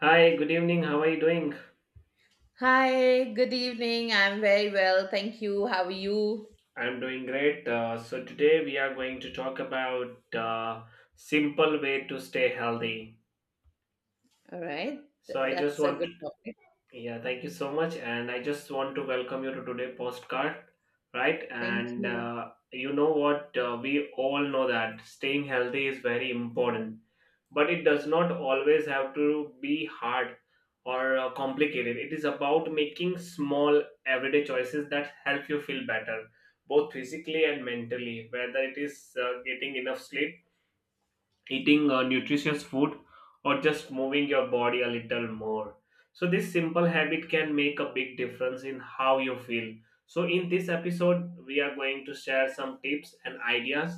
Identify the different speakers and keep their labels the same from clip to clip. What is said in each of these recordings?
Speaker 1: Hi, good evening. How are you doing?
Speaker 2: Hi, good evening. I'm very well. Thank you. How are you?
Speaker 1: I'm doing great. Today we are going to talk about simple way to stay healthy.
Speaker 2: All right. Th-
Speaker 1: So, I just
Speaker 2: that's a
Speaker 1: want to
Speaker 2: good topic.
Speaker 1: yeah, thank you so much. And I just want to welcome you to today's postcard, right?
Speaker 2: Thank
Speaker 1: And
Speaker 2: you.
Speaker 1: you know what? We all know that staying healthy is very important but it does not always have to be hard or complicated. It is about making small everyday choices that help you feel better, both physically and mentally, whether it is getting enough sleep, eating nutritious food, or just moving your body a little more. So this simple habit can make a big difference in how you feel. So in this episode we are going to share some tips and ideas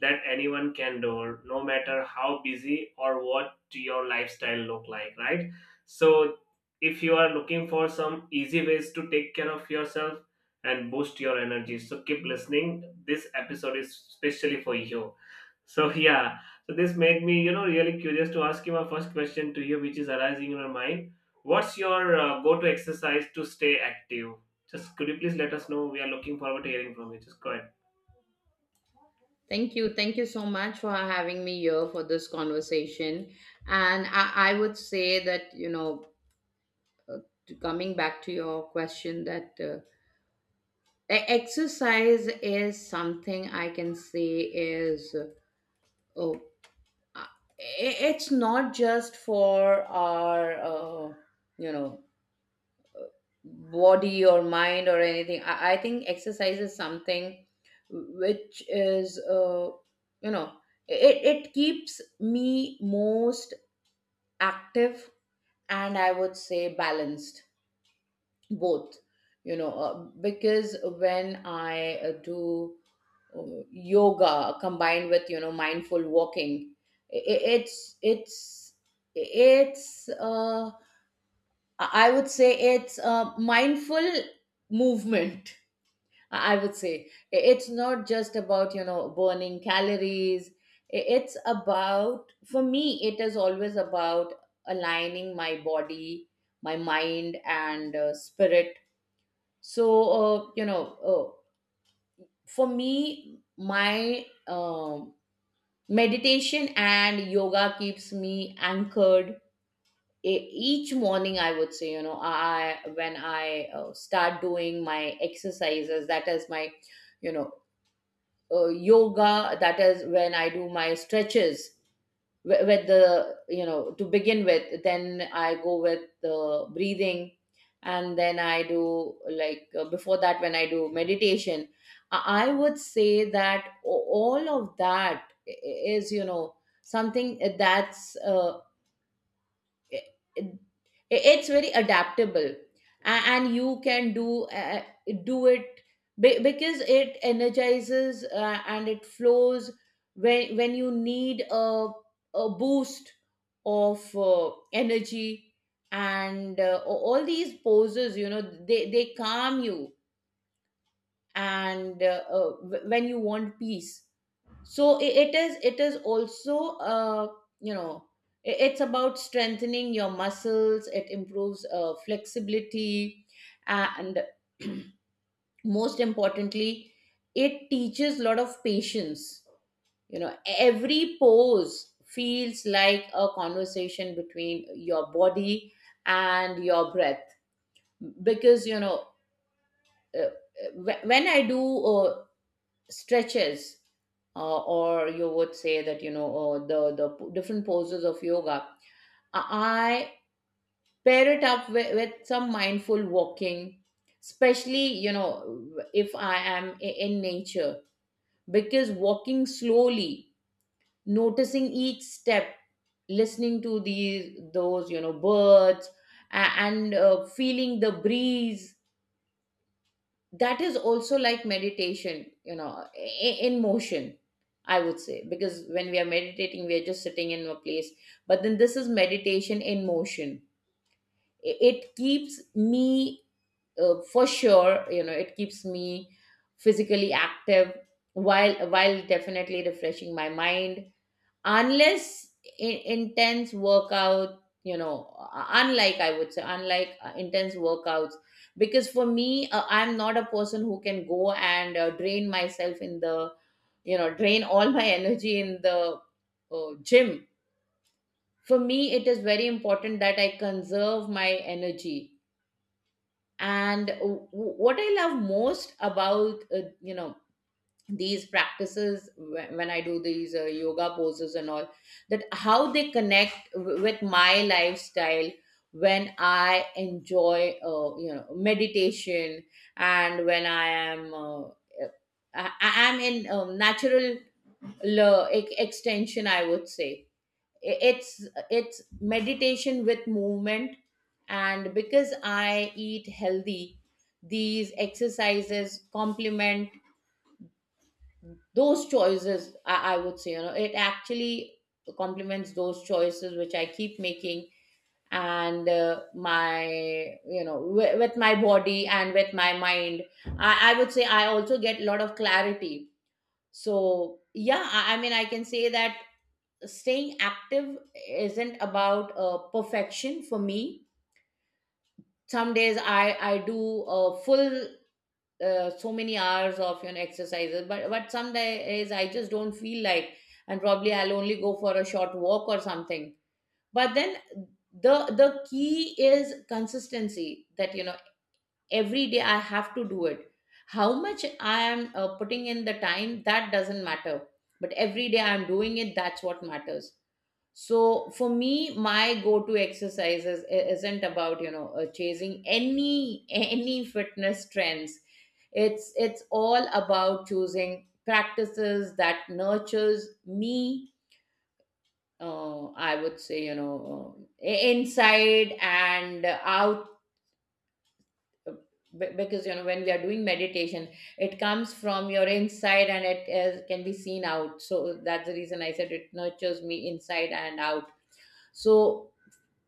Speaker 1: that anyone can do, no matter how busy or what your lifestyle look like, right? So if you are looking for some easy ways to take care of yourself and boost your energy, so keep listening. This episode is specially for you. So yeah, so this made me, you know, really curious to ask you my first question to you, which is arising in your mind. What's your go-to exercise to stay active? Just could you please let us know? We are looking forward to hearing from you. Just go ahead.
Speaker 2: Thank you. Thank you so much for having me here for this conversation. And I would say that, you know, coming back to your question, that exercise is something I can say is, oh, it's not just for our, you know, body or mind or anything. I think exercise is something which is, you know, it keeps me most active, and I would say balanced, both, you know, uh, because when I do uh, yoga combined with, mindful walking. I i- it's, it's, it's, uh, I I would say it's a mindful movement, I would say. It's not just about, burning calories. It's about, for me, it is always about aligning my body, my mind, and spirit. So, for me, my meditation and yoga keeps me anchored. Each morning, I would say, you know, I when I start doing my exercises, that is my, you know yoga. That is when I do my stretches, with the, to begin with. Then I go with the breathing, and then I do like, before that, when I do meditation, I would say that all of that, is, something that's uh, it's very adaptable. And you can do, do it, because it energizes, and it flows when, you need a, boost of, energy. And, all these poses, they calm you, and, when you want peace. So, it is, also, you know it's about strengthening your muscles. It improves, flexibility, and most importantly, it teaches a lot of patience. You know, every pose feels like a conversation between your body and your breath. Because, when I do, stretches, or you would say that, the different poses of yoga, I pair it up with some mindful walking, especially, if I am, in nature. Because walking slowly, noticing each step, listening to these those birds, a- and, feeling the breeze, that is also like meditation, in motion, I would say. Because when we are meditating, we are just sitting in a place, but then this is meditation in motion. I- it keeps me for sure you know it keeps me physically active, while definitely refreshing my mind. Unless i- intense workout you know uh, unlike, I would say unlike, intense workouts. Because for me, I'm not a person who can go and, drain all my energy in the, gym. For me, it is very important that I conserve my energy. And, what I love most about, these practices, when I do these, yoga poses and all, that how they connect, with my lifestyle. When I enjoy, meditation, and when I am, I am in, natural, extension, I would say. I- It's it's meditation with movement, and because I eat healthy, these exercises complement those choices. I would say, it actually complements those choices which I keep making. And, my you know w- with my body and with my mind, I would say I also get a lot of clarity. So, yeah, I mean, I can say that staying active isn't about, perfection for me. Some days I do a full, so many hours of, exercises, but some days I just don't feel like, and probably I'll only go for a short walk or something. But then, the the key is consistency. That you know Every day I have to do it. How much I am, putting in the time, that doesn't matter. But every day I'm doing it, that's what matters. So for me, my go-to exercises, isn't about, chasing any fitness trends. It's all about choosing practices that nurtures me. I would say, inside and out. Because, when we are doing meditation, it comes from your inside, and it is, can be seen out. So that's the reason I said it nurtures me inside and out. So,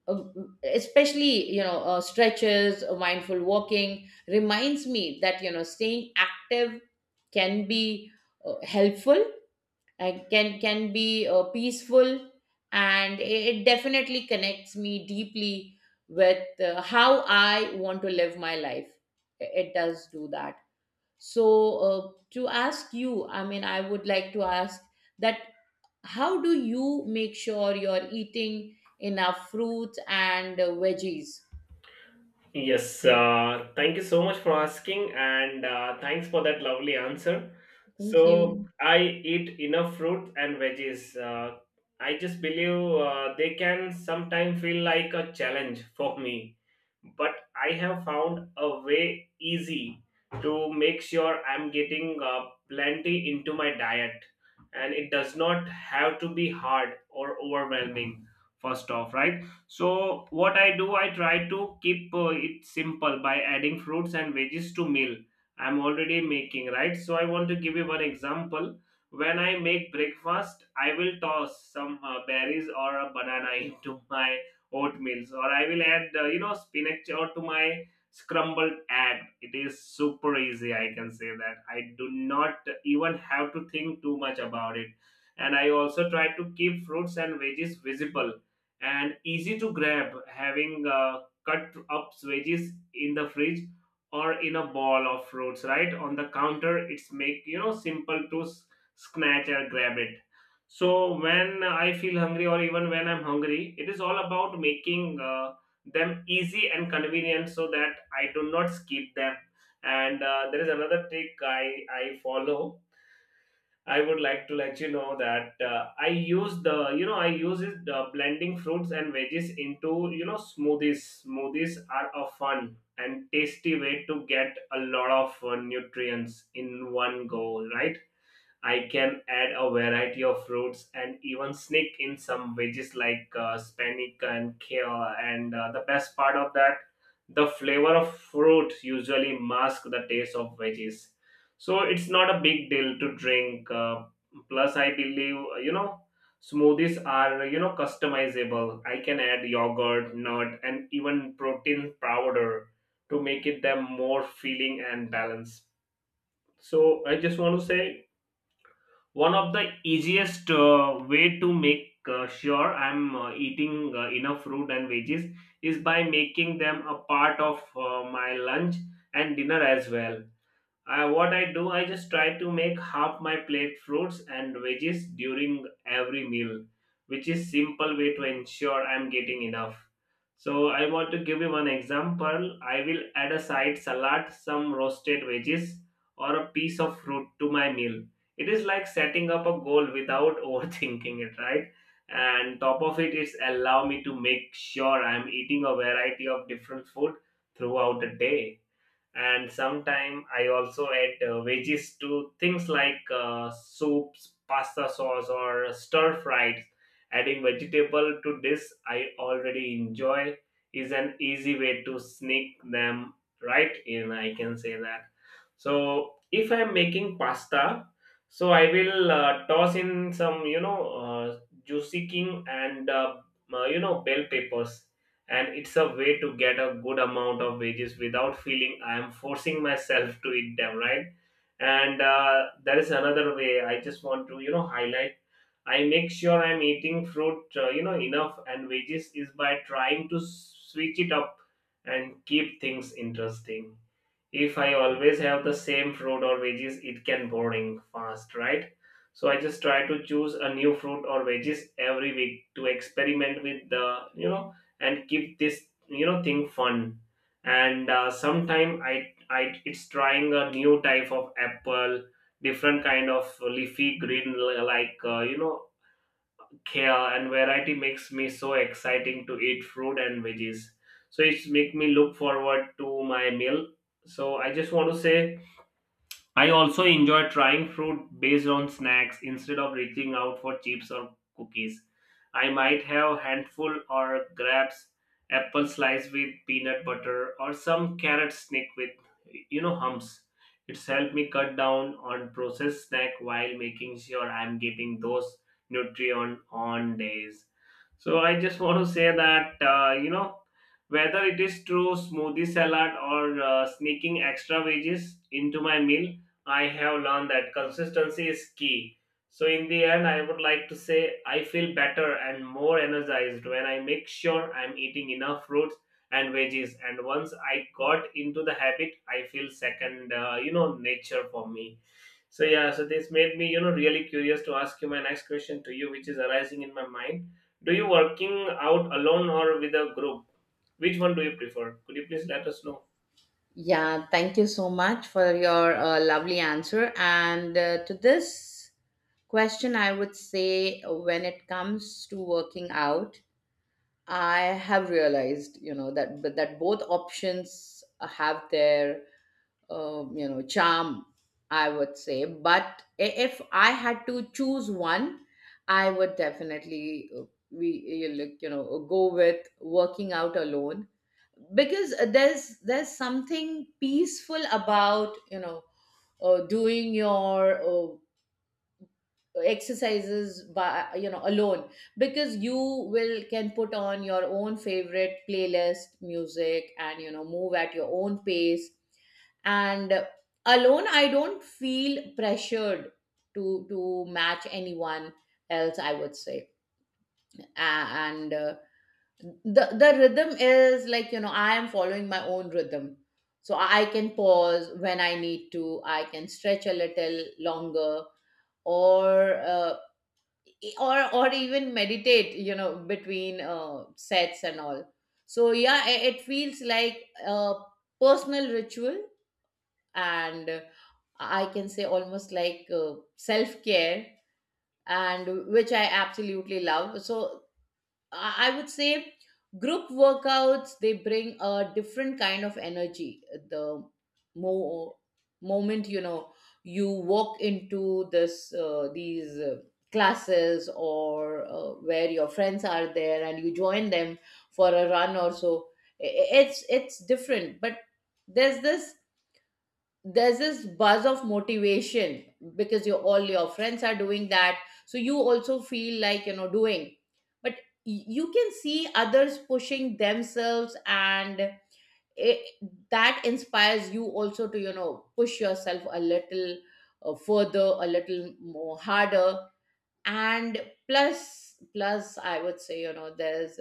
Speaker 2: uh, especially, stretches, mindful walking reminds me that, staying active can be, helpful, and can be, peaceful. And it definitely connects me deeply with, how I want to live my life. It does do that. So, uh, to ask you, I mean, I would like to ask that, how do you make sure you're eating enough fruits and, veggies?
Speaker 1: Yes, thank you so much for asking, and thanks for that lovely answer.
Speaker 2: Thank
Speaker 1: So,
Speaker 2: you.
Speaker 1: I eat enough fruit and veggies. I just believe they can sometimes feel like a challenge for me, but I have found a way easy to make sure I'm getting plenty into my diet, and it does not have to be hard or overwhelming, first off, right? So what I do, I try to keep it simple by adding fruits and veggies to meal I'm already making, right? So I want to give you one example. When I make breakfast, I will toss some berries or a banana into my oatmeals, or I will add, you know, spinach or to my scrambled egg. It is super easy. I can say that I do not even have to think too much about it, and I also try to keep fruits and veggies visible and easy to grab, having cut up veggies in the fridge or in a ball of fruits right on the counter. It's make you know simple to snatch or grab it. So when I feel hungry or even when I'm hungry, it is all about making them easy and convenient so that I do not skip them. And there is another trick I follow. I would like to let you know that I use the you know I use it blending fruits and veggies into you know smoothies. Smoothies are a fun and tasty way to get a lot of nutrients in one go, right? I can add a variety of fruits and even sneak in some veggies like spinach and kale. And the best part of that, the flavor of fruit usually masks the taste of veggies. So it's not a big deal to drink. Plus, I believe you know smoothies are you know customizable. I can add yogurt, nut, and even protein powder to make it them more feeling and balanced. So I just want to say one of the easiest way to make sure I'm eating enough fruit and veggies is by making them a part of my lunch and dinner as well. I, what I do, I just try to make half my plate fruits and veggies during every meal, which is simple way to ensure I'm getting enough. So I want to give you one example. I will add a side salad, some roasted veggies, or a piece of fruit to my meal. It is like setting up a goal without overthinking it, right? And top of it is allow me to make sure I'm eating a variety of different food throughout the day. And sometime I also add veggies to things like soups, pasta sauce, or stir fries. Adding vegetable to this I already enjoy is an easy way to sneak them right in, I can say that. So if I'm making pasta, so I will toss in some you know juicy king and you know bell peppers, and it's a way to get a good amount of wages without feeling I am forcing myself to eat them, right? And there is another way I just want to you know highlight. I make sure I'm eating fruit you know enough and veggies is by trying to switch it up and keep things interesting. If I always have the same fruit or veggies it can boring fast, right? So I just try to choose a new fruit or veggies every week to experiment with the you know and keep this you know thing fun. And sometime i it's trying a new type of apple, different kind of leafy green, like you know, yeah, and variety makes me so exciting to eat fruit and veggies. So it's make me look forward to my meal. So I just want to say I also enjoy trying fruit based on snacks instead of reaching out for chips or cookies. I might have handful or grabs apple slice with peanut butter or some carrot sneak with you know humps. It's helped me cut down on processed snack while making sure I'm getting those nutrient on days. So I just want to say that you know, whether it is through smoothie salad or sneaking extra veggies into my meal, I have learned that consistency is key. So, in the end, I would like to say I feel better and more energized when I make sure I'm eating enough fruits and veggies. And once I got into the habit, I feel second, you know, nature for me. So, yeah, so this made me, you know, really curious to ask you my next question to you, which is arising in my mind. Do you working out alone or with a group? Which one do you prefer? Could you please let us know?
Speaker 2: Yeah, thank you so much for your, lovely answer. And, to this question, I would say, when it comes to working out, I have realized, you know, that both options have their, charm, I would say. But, if I had to choose one, I would definitely, we you look you know go with working out alone. Because there's something peaceful about, doing your, exercises by, alone. Because you will can put on your own favorite playlist music, and, move at your own pace. And alone, I don't feel pressured to match anyone else, I would say. And the rhythm is like, I am following my own rhythm. So I can pause when I need to. I can stretch a little longer, or uh, or even meditate, between, sets and all. So, yeah, it feels like a personal ritual, and, I can say, almost like, self care, and which I absolutely love. So, I would say, group workouts, they bring a different kind of energy. The mo moment, you walk into, this these, classes, or, where your friends are there and you join them for a run or so, it's different. But there's this there's this buzz of motivation, because, you all your friends are doing that, so you also feel like, doing. But, you can see others pushing themselves, and it, that inspires you also to, push yourself a little, further, a little more harder. And, plus, I would say, there's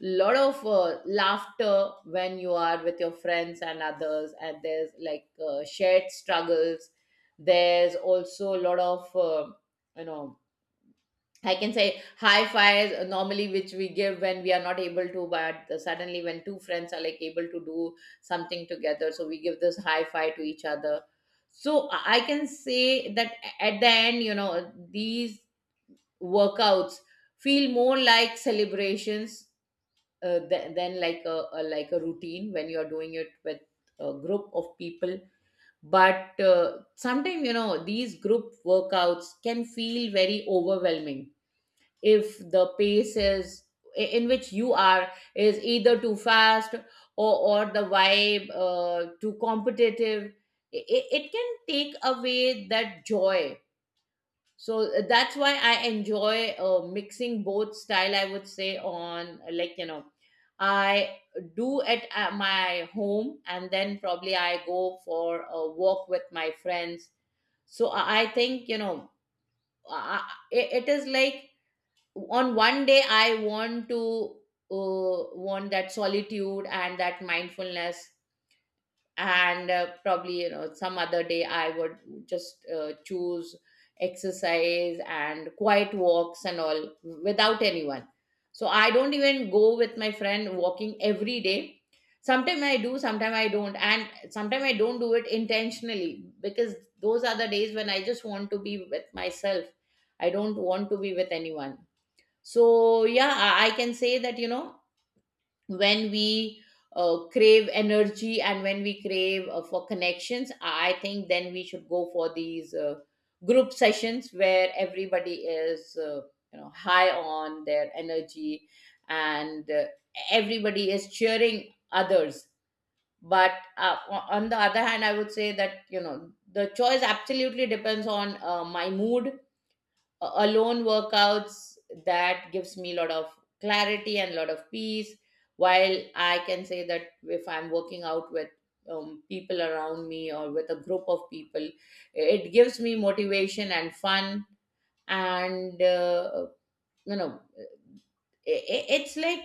Speaker 2: lot of, laughter when you are with your friends and others. And there's like, shared struggles. There's also a lot of, you know I can say high fives, normally, which we give when we are not able to, but suddenly when two friends are like able to do something together, so we give this high five to each other. So, I can say that, at the end, these workouts feel more like celebrations, than like, a like a routine, when you're doing it with a group of people. But, sometimes, these group workouts can feel very overwhelming, if the pace, in which you are is either too fast, or the vibe, too competitive. It can take away that joy. So, that's why I enjoy, mixing both style, I would say. On, I do at, my home, and then probably I go for a walk with my friends. So, I think, it is like, on one day I want to, want that solitude and that mindfulness. And, probably, some other day, I would just, choose exercise and quiet walks and all without anyone. So I don't even go with my friend walking every day. Sometimes I do, sometimes I don't, and sometimes I don't do it intentionally, because those are the days when I just want to be with myself. I don't want to be with anyone. So, yeah, I can say that, when we, crave energy, and when we crave, for connections, I think then we should go for these, group sessions, where everybody is, high on their energy, and, everybody is cheering others. But, on the other hand, I would say that, the choice absolutely depends on, my mood. Alone workouts, that gives me a lot of clarity and a lot of peace, while I can say that if I'm working out with, people around me or with a group of people, it gives me motivation and fun. And You know, it's like,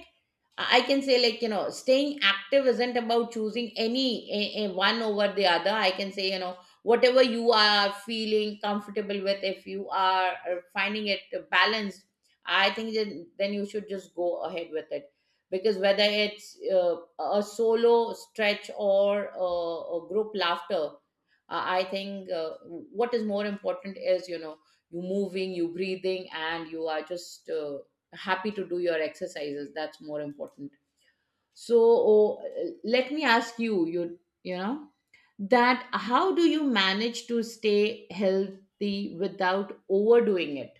Speaker 2: I can say, like, you know, staying active isn't about choosing any a one over the other. I can say, you know, whatever you are feeling comfortable with, if you are finding it balanced, I think then you should just go ahead with it. Because whether it's a solo stretch or a group laughter, I think what is more important is, you know, you moving, you breathing, and you are just happy to do your exercises. That's more important. So, let me ask you, you know, that how do you manage to stay healthy without overdoing it?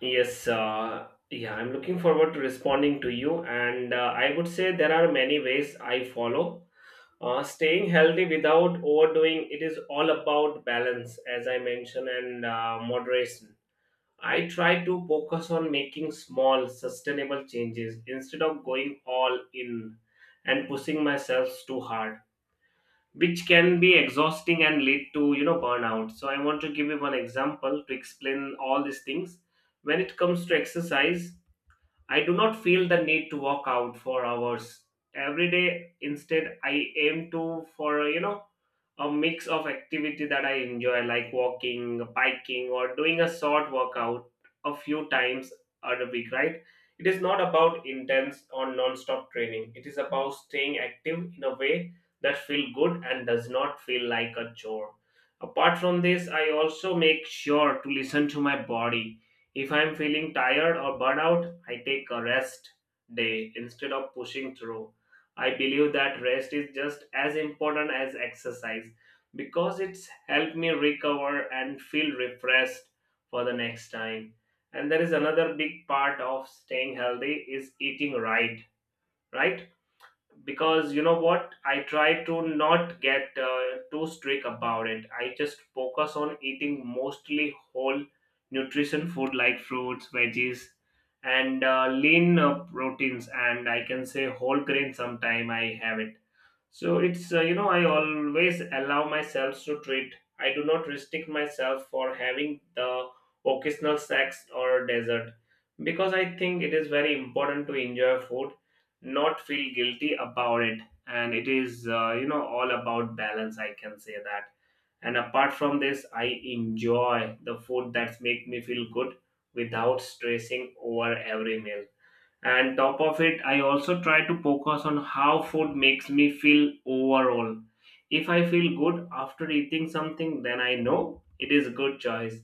Speaker 1: Yes, yeah, I'm looking forward to responding to you. And I would say there are many ways I follow. Staying healthy without overdoing it is all about balance, as I mentioned, and moderation. I try to focus on making small, sustainable changes instead of going all in and pushing myself too hard, which can be exhausting and lead to you know burnout. So I want to give you one example to explain all these things. When it comes to exercise, I do not feel the need to walk out for hours every day. Instead, I aim to for you know a mix of activity that I enjoy, like walking, biking, or doing a short workout a few times a week. Right? It is not about intense or non-stop training. It is about staying active in a way that feel good and does not feel like a chore. Apart from this, I also make sure to listen to my body. If I'm feeling tired or burnout, I take a rest day instead of pushing through. I believe that rest is just as important as exercise because it's helped me recover and feel refreshed for the next time. And there is another big part of staying healthy is eating right, right? Because you know what I try to not get too strict about it, I just focus on eating mostly whole nutrition food like fruits, veggies, and lean proteins, and I can say whole grain sometime I have it. So it's you know I always allow myself to treat. I do not restrict myself for having the occasional snacks or dessert because I think it is very important to enjoy food, not feel guilty about it. And it is you know all about balance. I can say that. And apart from this, I enjoy the food that make me feel good without stressing over every meal. And top of it I also try to focus on how food makes me feel overall. If I feel good after eating something then I know it is a good choice,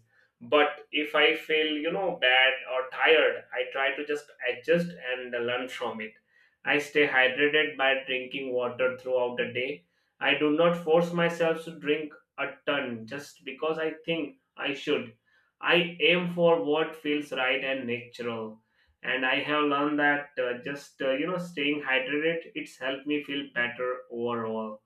Speaker 1: but if I feel you know bad or tired I try to just adjust and learn from it. I stay hydrated by drinking water throughout the day. I do not force myself to drink a ton just because I think I should. I aim for what feels right and natural, and I have learned that just you know staying hydrated it's helped me feel better overall.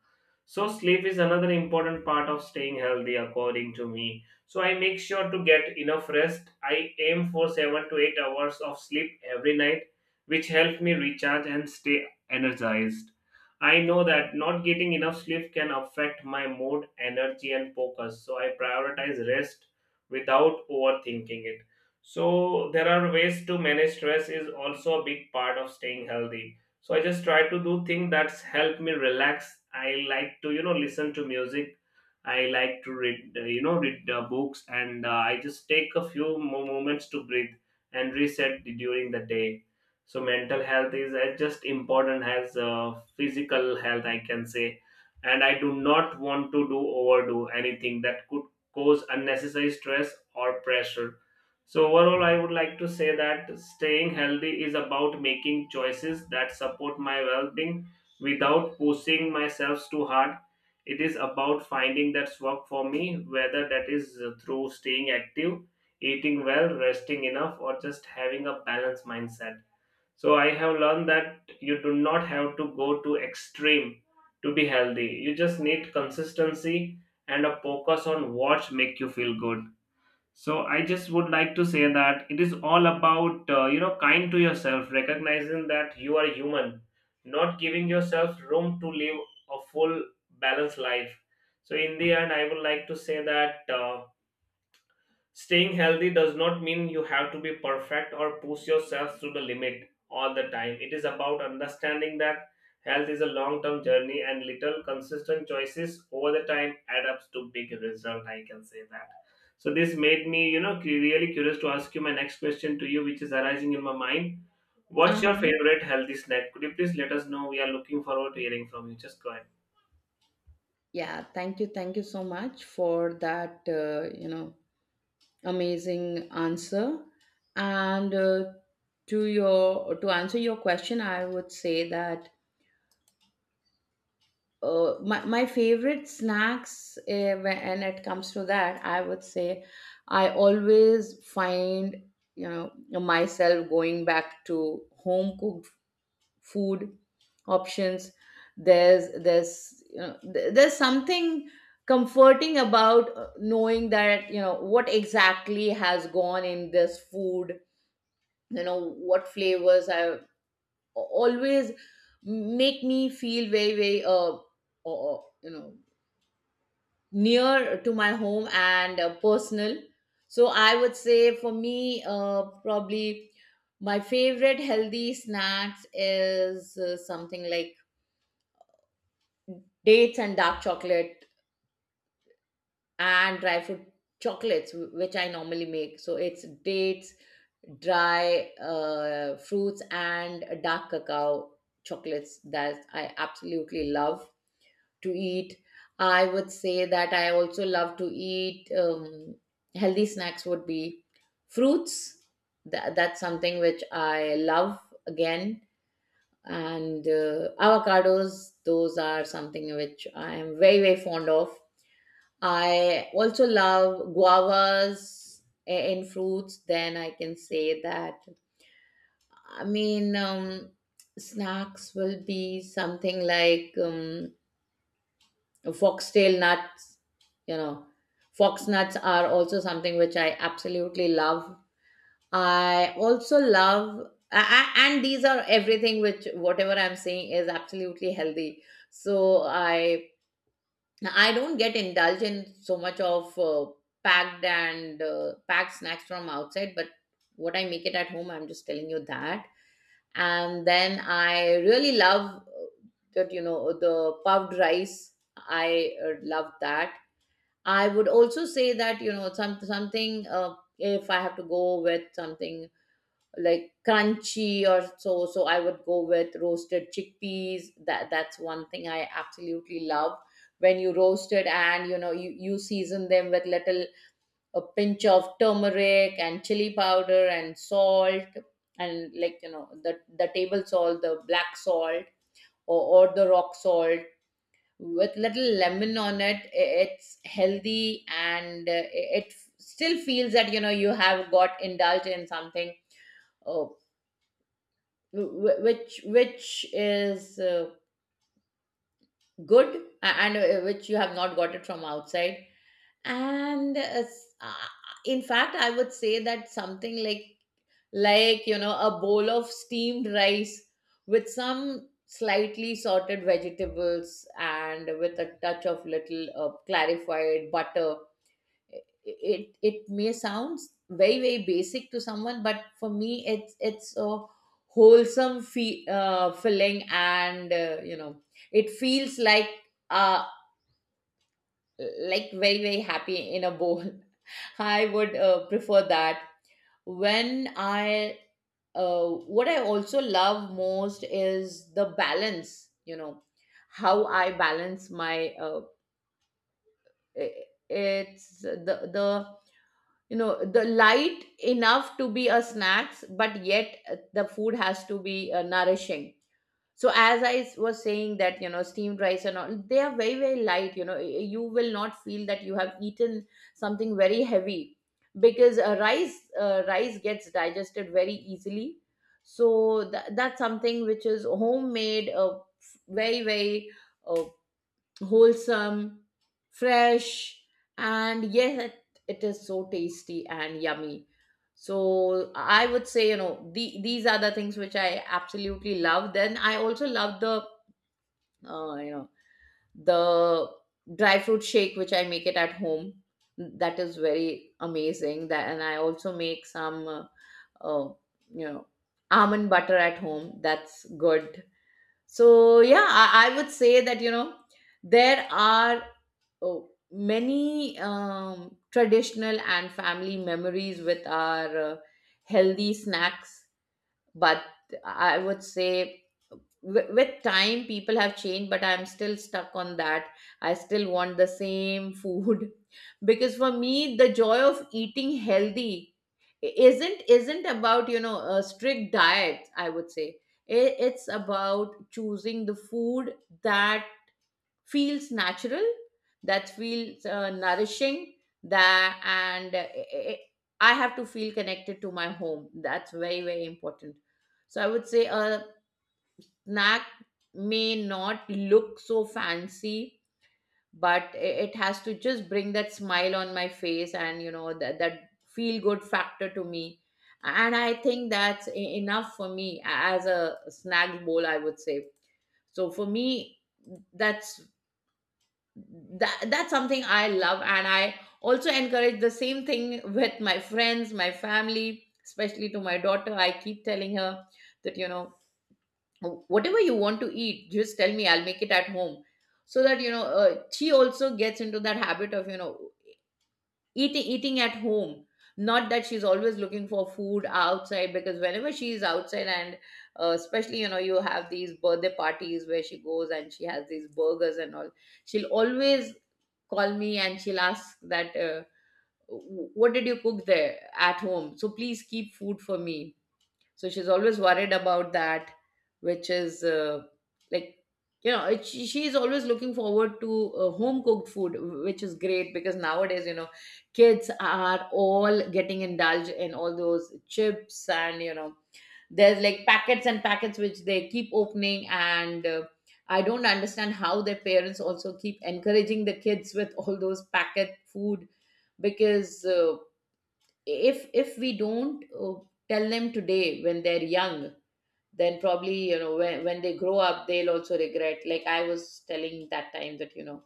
Speaker 1: So sleep is another important part of staying healthy according to me, so I make sure to get enough rest. I aim for 7 to 8 hours of sleep every night, which helps me recharge and stay energized. I know that not getting enough sleep can affect my mood, energy, and focus, so I prioritize rest without overthinking it. So there are ways to manage stress is also a big part of staying healthy. So I just try to do things that's help me relax. I like to you know listen to music, I like to read read books, and I just take a few more moments to breathe and reset during the day. So mental health is as just important as physical health, I can say, and I do not want to do overdo anything that could cause unnecessary stress or pressure. So, overall, I would like to say that staying healthy is about making choices that support my well being without pushing myself too hard. It is about finding that's work for me, whether that is through staying active, eating well, resting enough, or just having a balanced mindset. So, I have learned that you do not have to go to extreme to be healthy. You just need consistency and a focus on what make you feel good. So I just would like to say that it is all about you know kind to yourself, recognizing that you are human, not giving yourself room to live a full balanced life. So in the end, I would like to say that. Staying healthy does not mean you have to be perfect or push yourself to the limit all the time. It is about understanding that health is a long term journey and little consistent choices over the time add up to big result. I can say that. So this made me, you know, really curious to ask you my next question to you, which is arising in my mind. What's your
Speaker 2: Uh-huh.
Speaker 1: favorite healthy snack? Could you please let us know? We are looking forward to hearing from you. Just go ahead.
Speaker 2: Yeah, thank you. Thank you so much for that, you know, amazing answer. And to your to answer your question, I would say that my favorite snacks, when it comes to that, I would say I always find, you know, myself going back to home cooked food options. There's you know, there's something comforting about knowing that you know what exactly has gone in this food, you know what flavors have always make me feel very, very, you know, near to my home and personal. So I would say, for me, probably my favorite healthy snacks is something like dates and dark chocolate and dry fruit chocolates, which I normally make. So it's dates, dry fruits, and dark cacao chocolates that I absolutely love to eat. I would say that I also love to eat, healthy snacks would be fruits. That's something which I love again. And avocados, those are something which I am very, very fond of. I also love guavas in fruits, then, I can say that. I mean, snacks will be something like, foxtail nuts. You know, fox nuts are also something which I absolutely love. I also love, and these are everything which, whatever I'm saying, is absolutely healthy. So I, now, I don't get indulged in so much of packed and packed snacks from outside, but what I make it at home, I'm just telling you that. And then I really love that, you know, the puffed rice. I love that. I would also say that, you know, some something, if I have to go with something like crunchy or so, so I would go with roasted chickpeas. That's one thing I absolutely love. When you roast it and, you know, you season them with little a pinch of turmeric and chili powder and salt, and, like, you know, the table salt, the black salt, or the rock salt, with little lemon on it, it's healthy, and it, it still feels that, you know, you have got indulged in something, uh, Wh- which is good, and which you have not got it from outside. and uh, s- uh, in fact, I would say that something like, you know, a bowl of steamed rice with some slightly sorted vegetables and with a touch of little clarified butter, it may sound very, very basic to someone, but for me, it's a wholesome feeling, and you know, it feels uh like very, very happy in a bowl. I would prefer that. When I What I also love most is the balance, you know, how I balance my, it's the, you know, the light enough to be a snacks, but yet the food has to be nourishing. So as was saying that, you know, steamed rice and all, they are very, very light, you know, you will not feel that you have eaten something very heavy, because rice gets digested very easily. So that's something which is homemade, very, very uh, wholesome, fresh, and yet it is so tasty and yummy. So I would say, you know, these are the things which I absolutely love. Then I also love the, you know, the dry fruit shake which I make it at home. That is very amazing. That, and I also make some, uh, you know, almond butter at home. That's good. So yeah, I would say that, you know, there are, oh, many traditional and family memories with our healthy snacks, but I would say, with time, people have changed, but I'm still stuck on that. I still want the same food. Because for me, the joy of eating healthy isn't about, you know, a strict diet, I would say. It's about choosing the food that feels natural, that feels nourishing, that, and i I have to feel connected to my home. That's very, very important. So I would say a snack may not look so fancy, but it has to just bring that smile on my face, and you know that feel good factor to me, and I think that's enough for me as a snack bowl, I would say. So for me, that's, that's something I love, and I also encourage the same thing with my friends, my family, especially to my daughter. I keep telling her that, you know, whatever you want to eat, just tell me, I'll make it at home, so that, you know, she also gets into that habit of, you know, eating at home. Not that she's always looking for food outside, because whenever she is outside and, especially, you know, you have these birthday parties where she goes and she has these burgers and all, she'll always call me and she'll ask that, what did you cook there at home, so please keep food for me. So she's always worried about that, which is like, you know, she's always looking forward to home cooked food, which is great, because nowadays, you know, kids are all getting indulged in all those chips, and you know, there's like packets and packets which they keep opening, and I don't understand how their parents also keep encouraging the kids with all those packet food. Because if we don't tell them today when they're young, then probably, you know, when they grow up, they'll also regret. Like I was telling that time that, you know,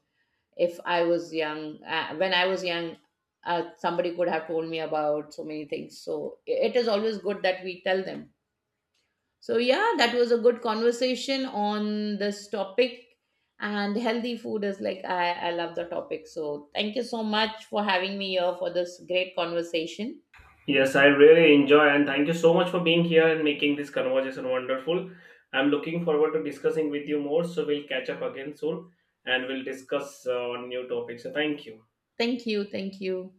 Speaker 2: if I was young when I was young, somebody could have told me about so many things, so it is always good that we tell them. So yeah, that was a good conversation on this topic, and healthy food is, like, I love the topic, so thank you so much for having me here for this great conversation.
Speaker 1: Yes, I really enjoy and thank you so much for being here and making this conversation wonderful. I'm looking forward to discussing with you more, so we'll catch up again soon and we'll discuss on new topics. So thank you.
Speaker 2: Thank you. Thank you.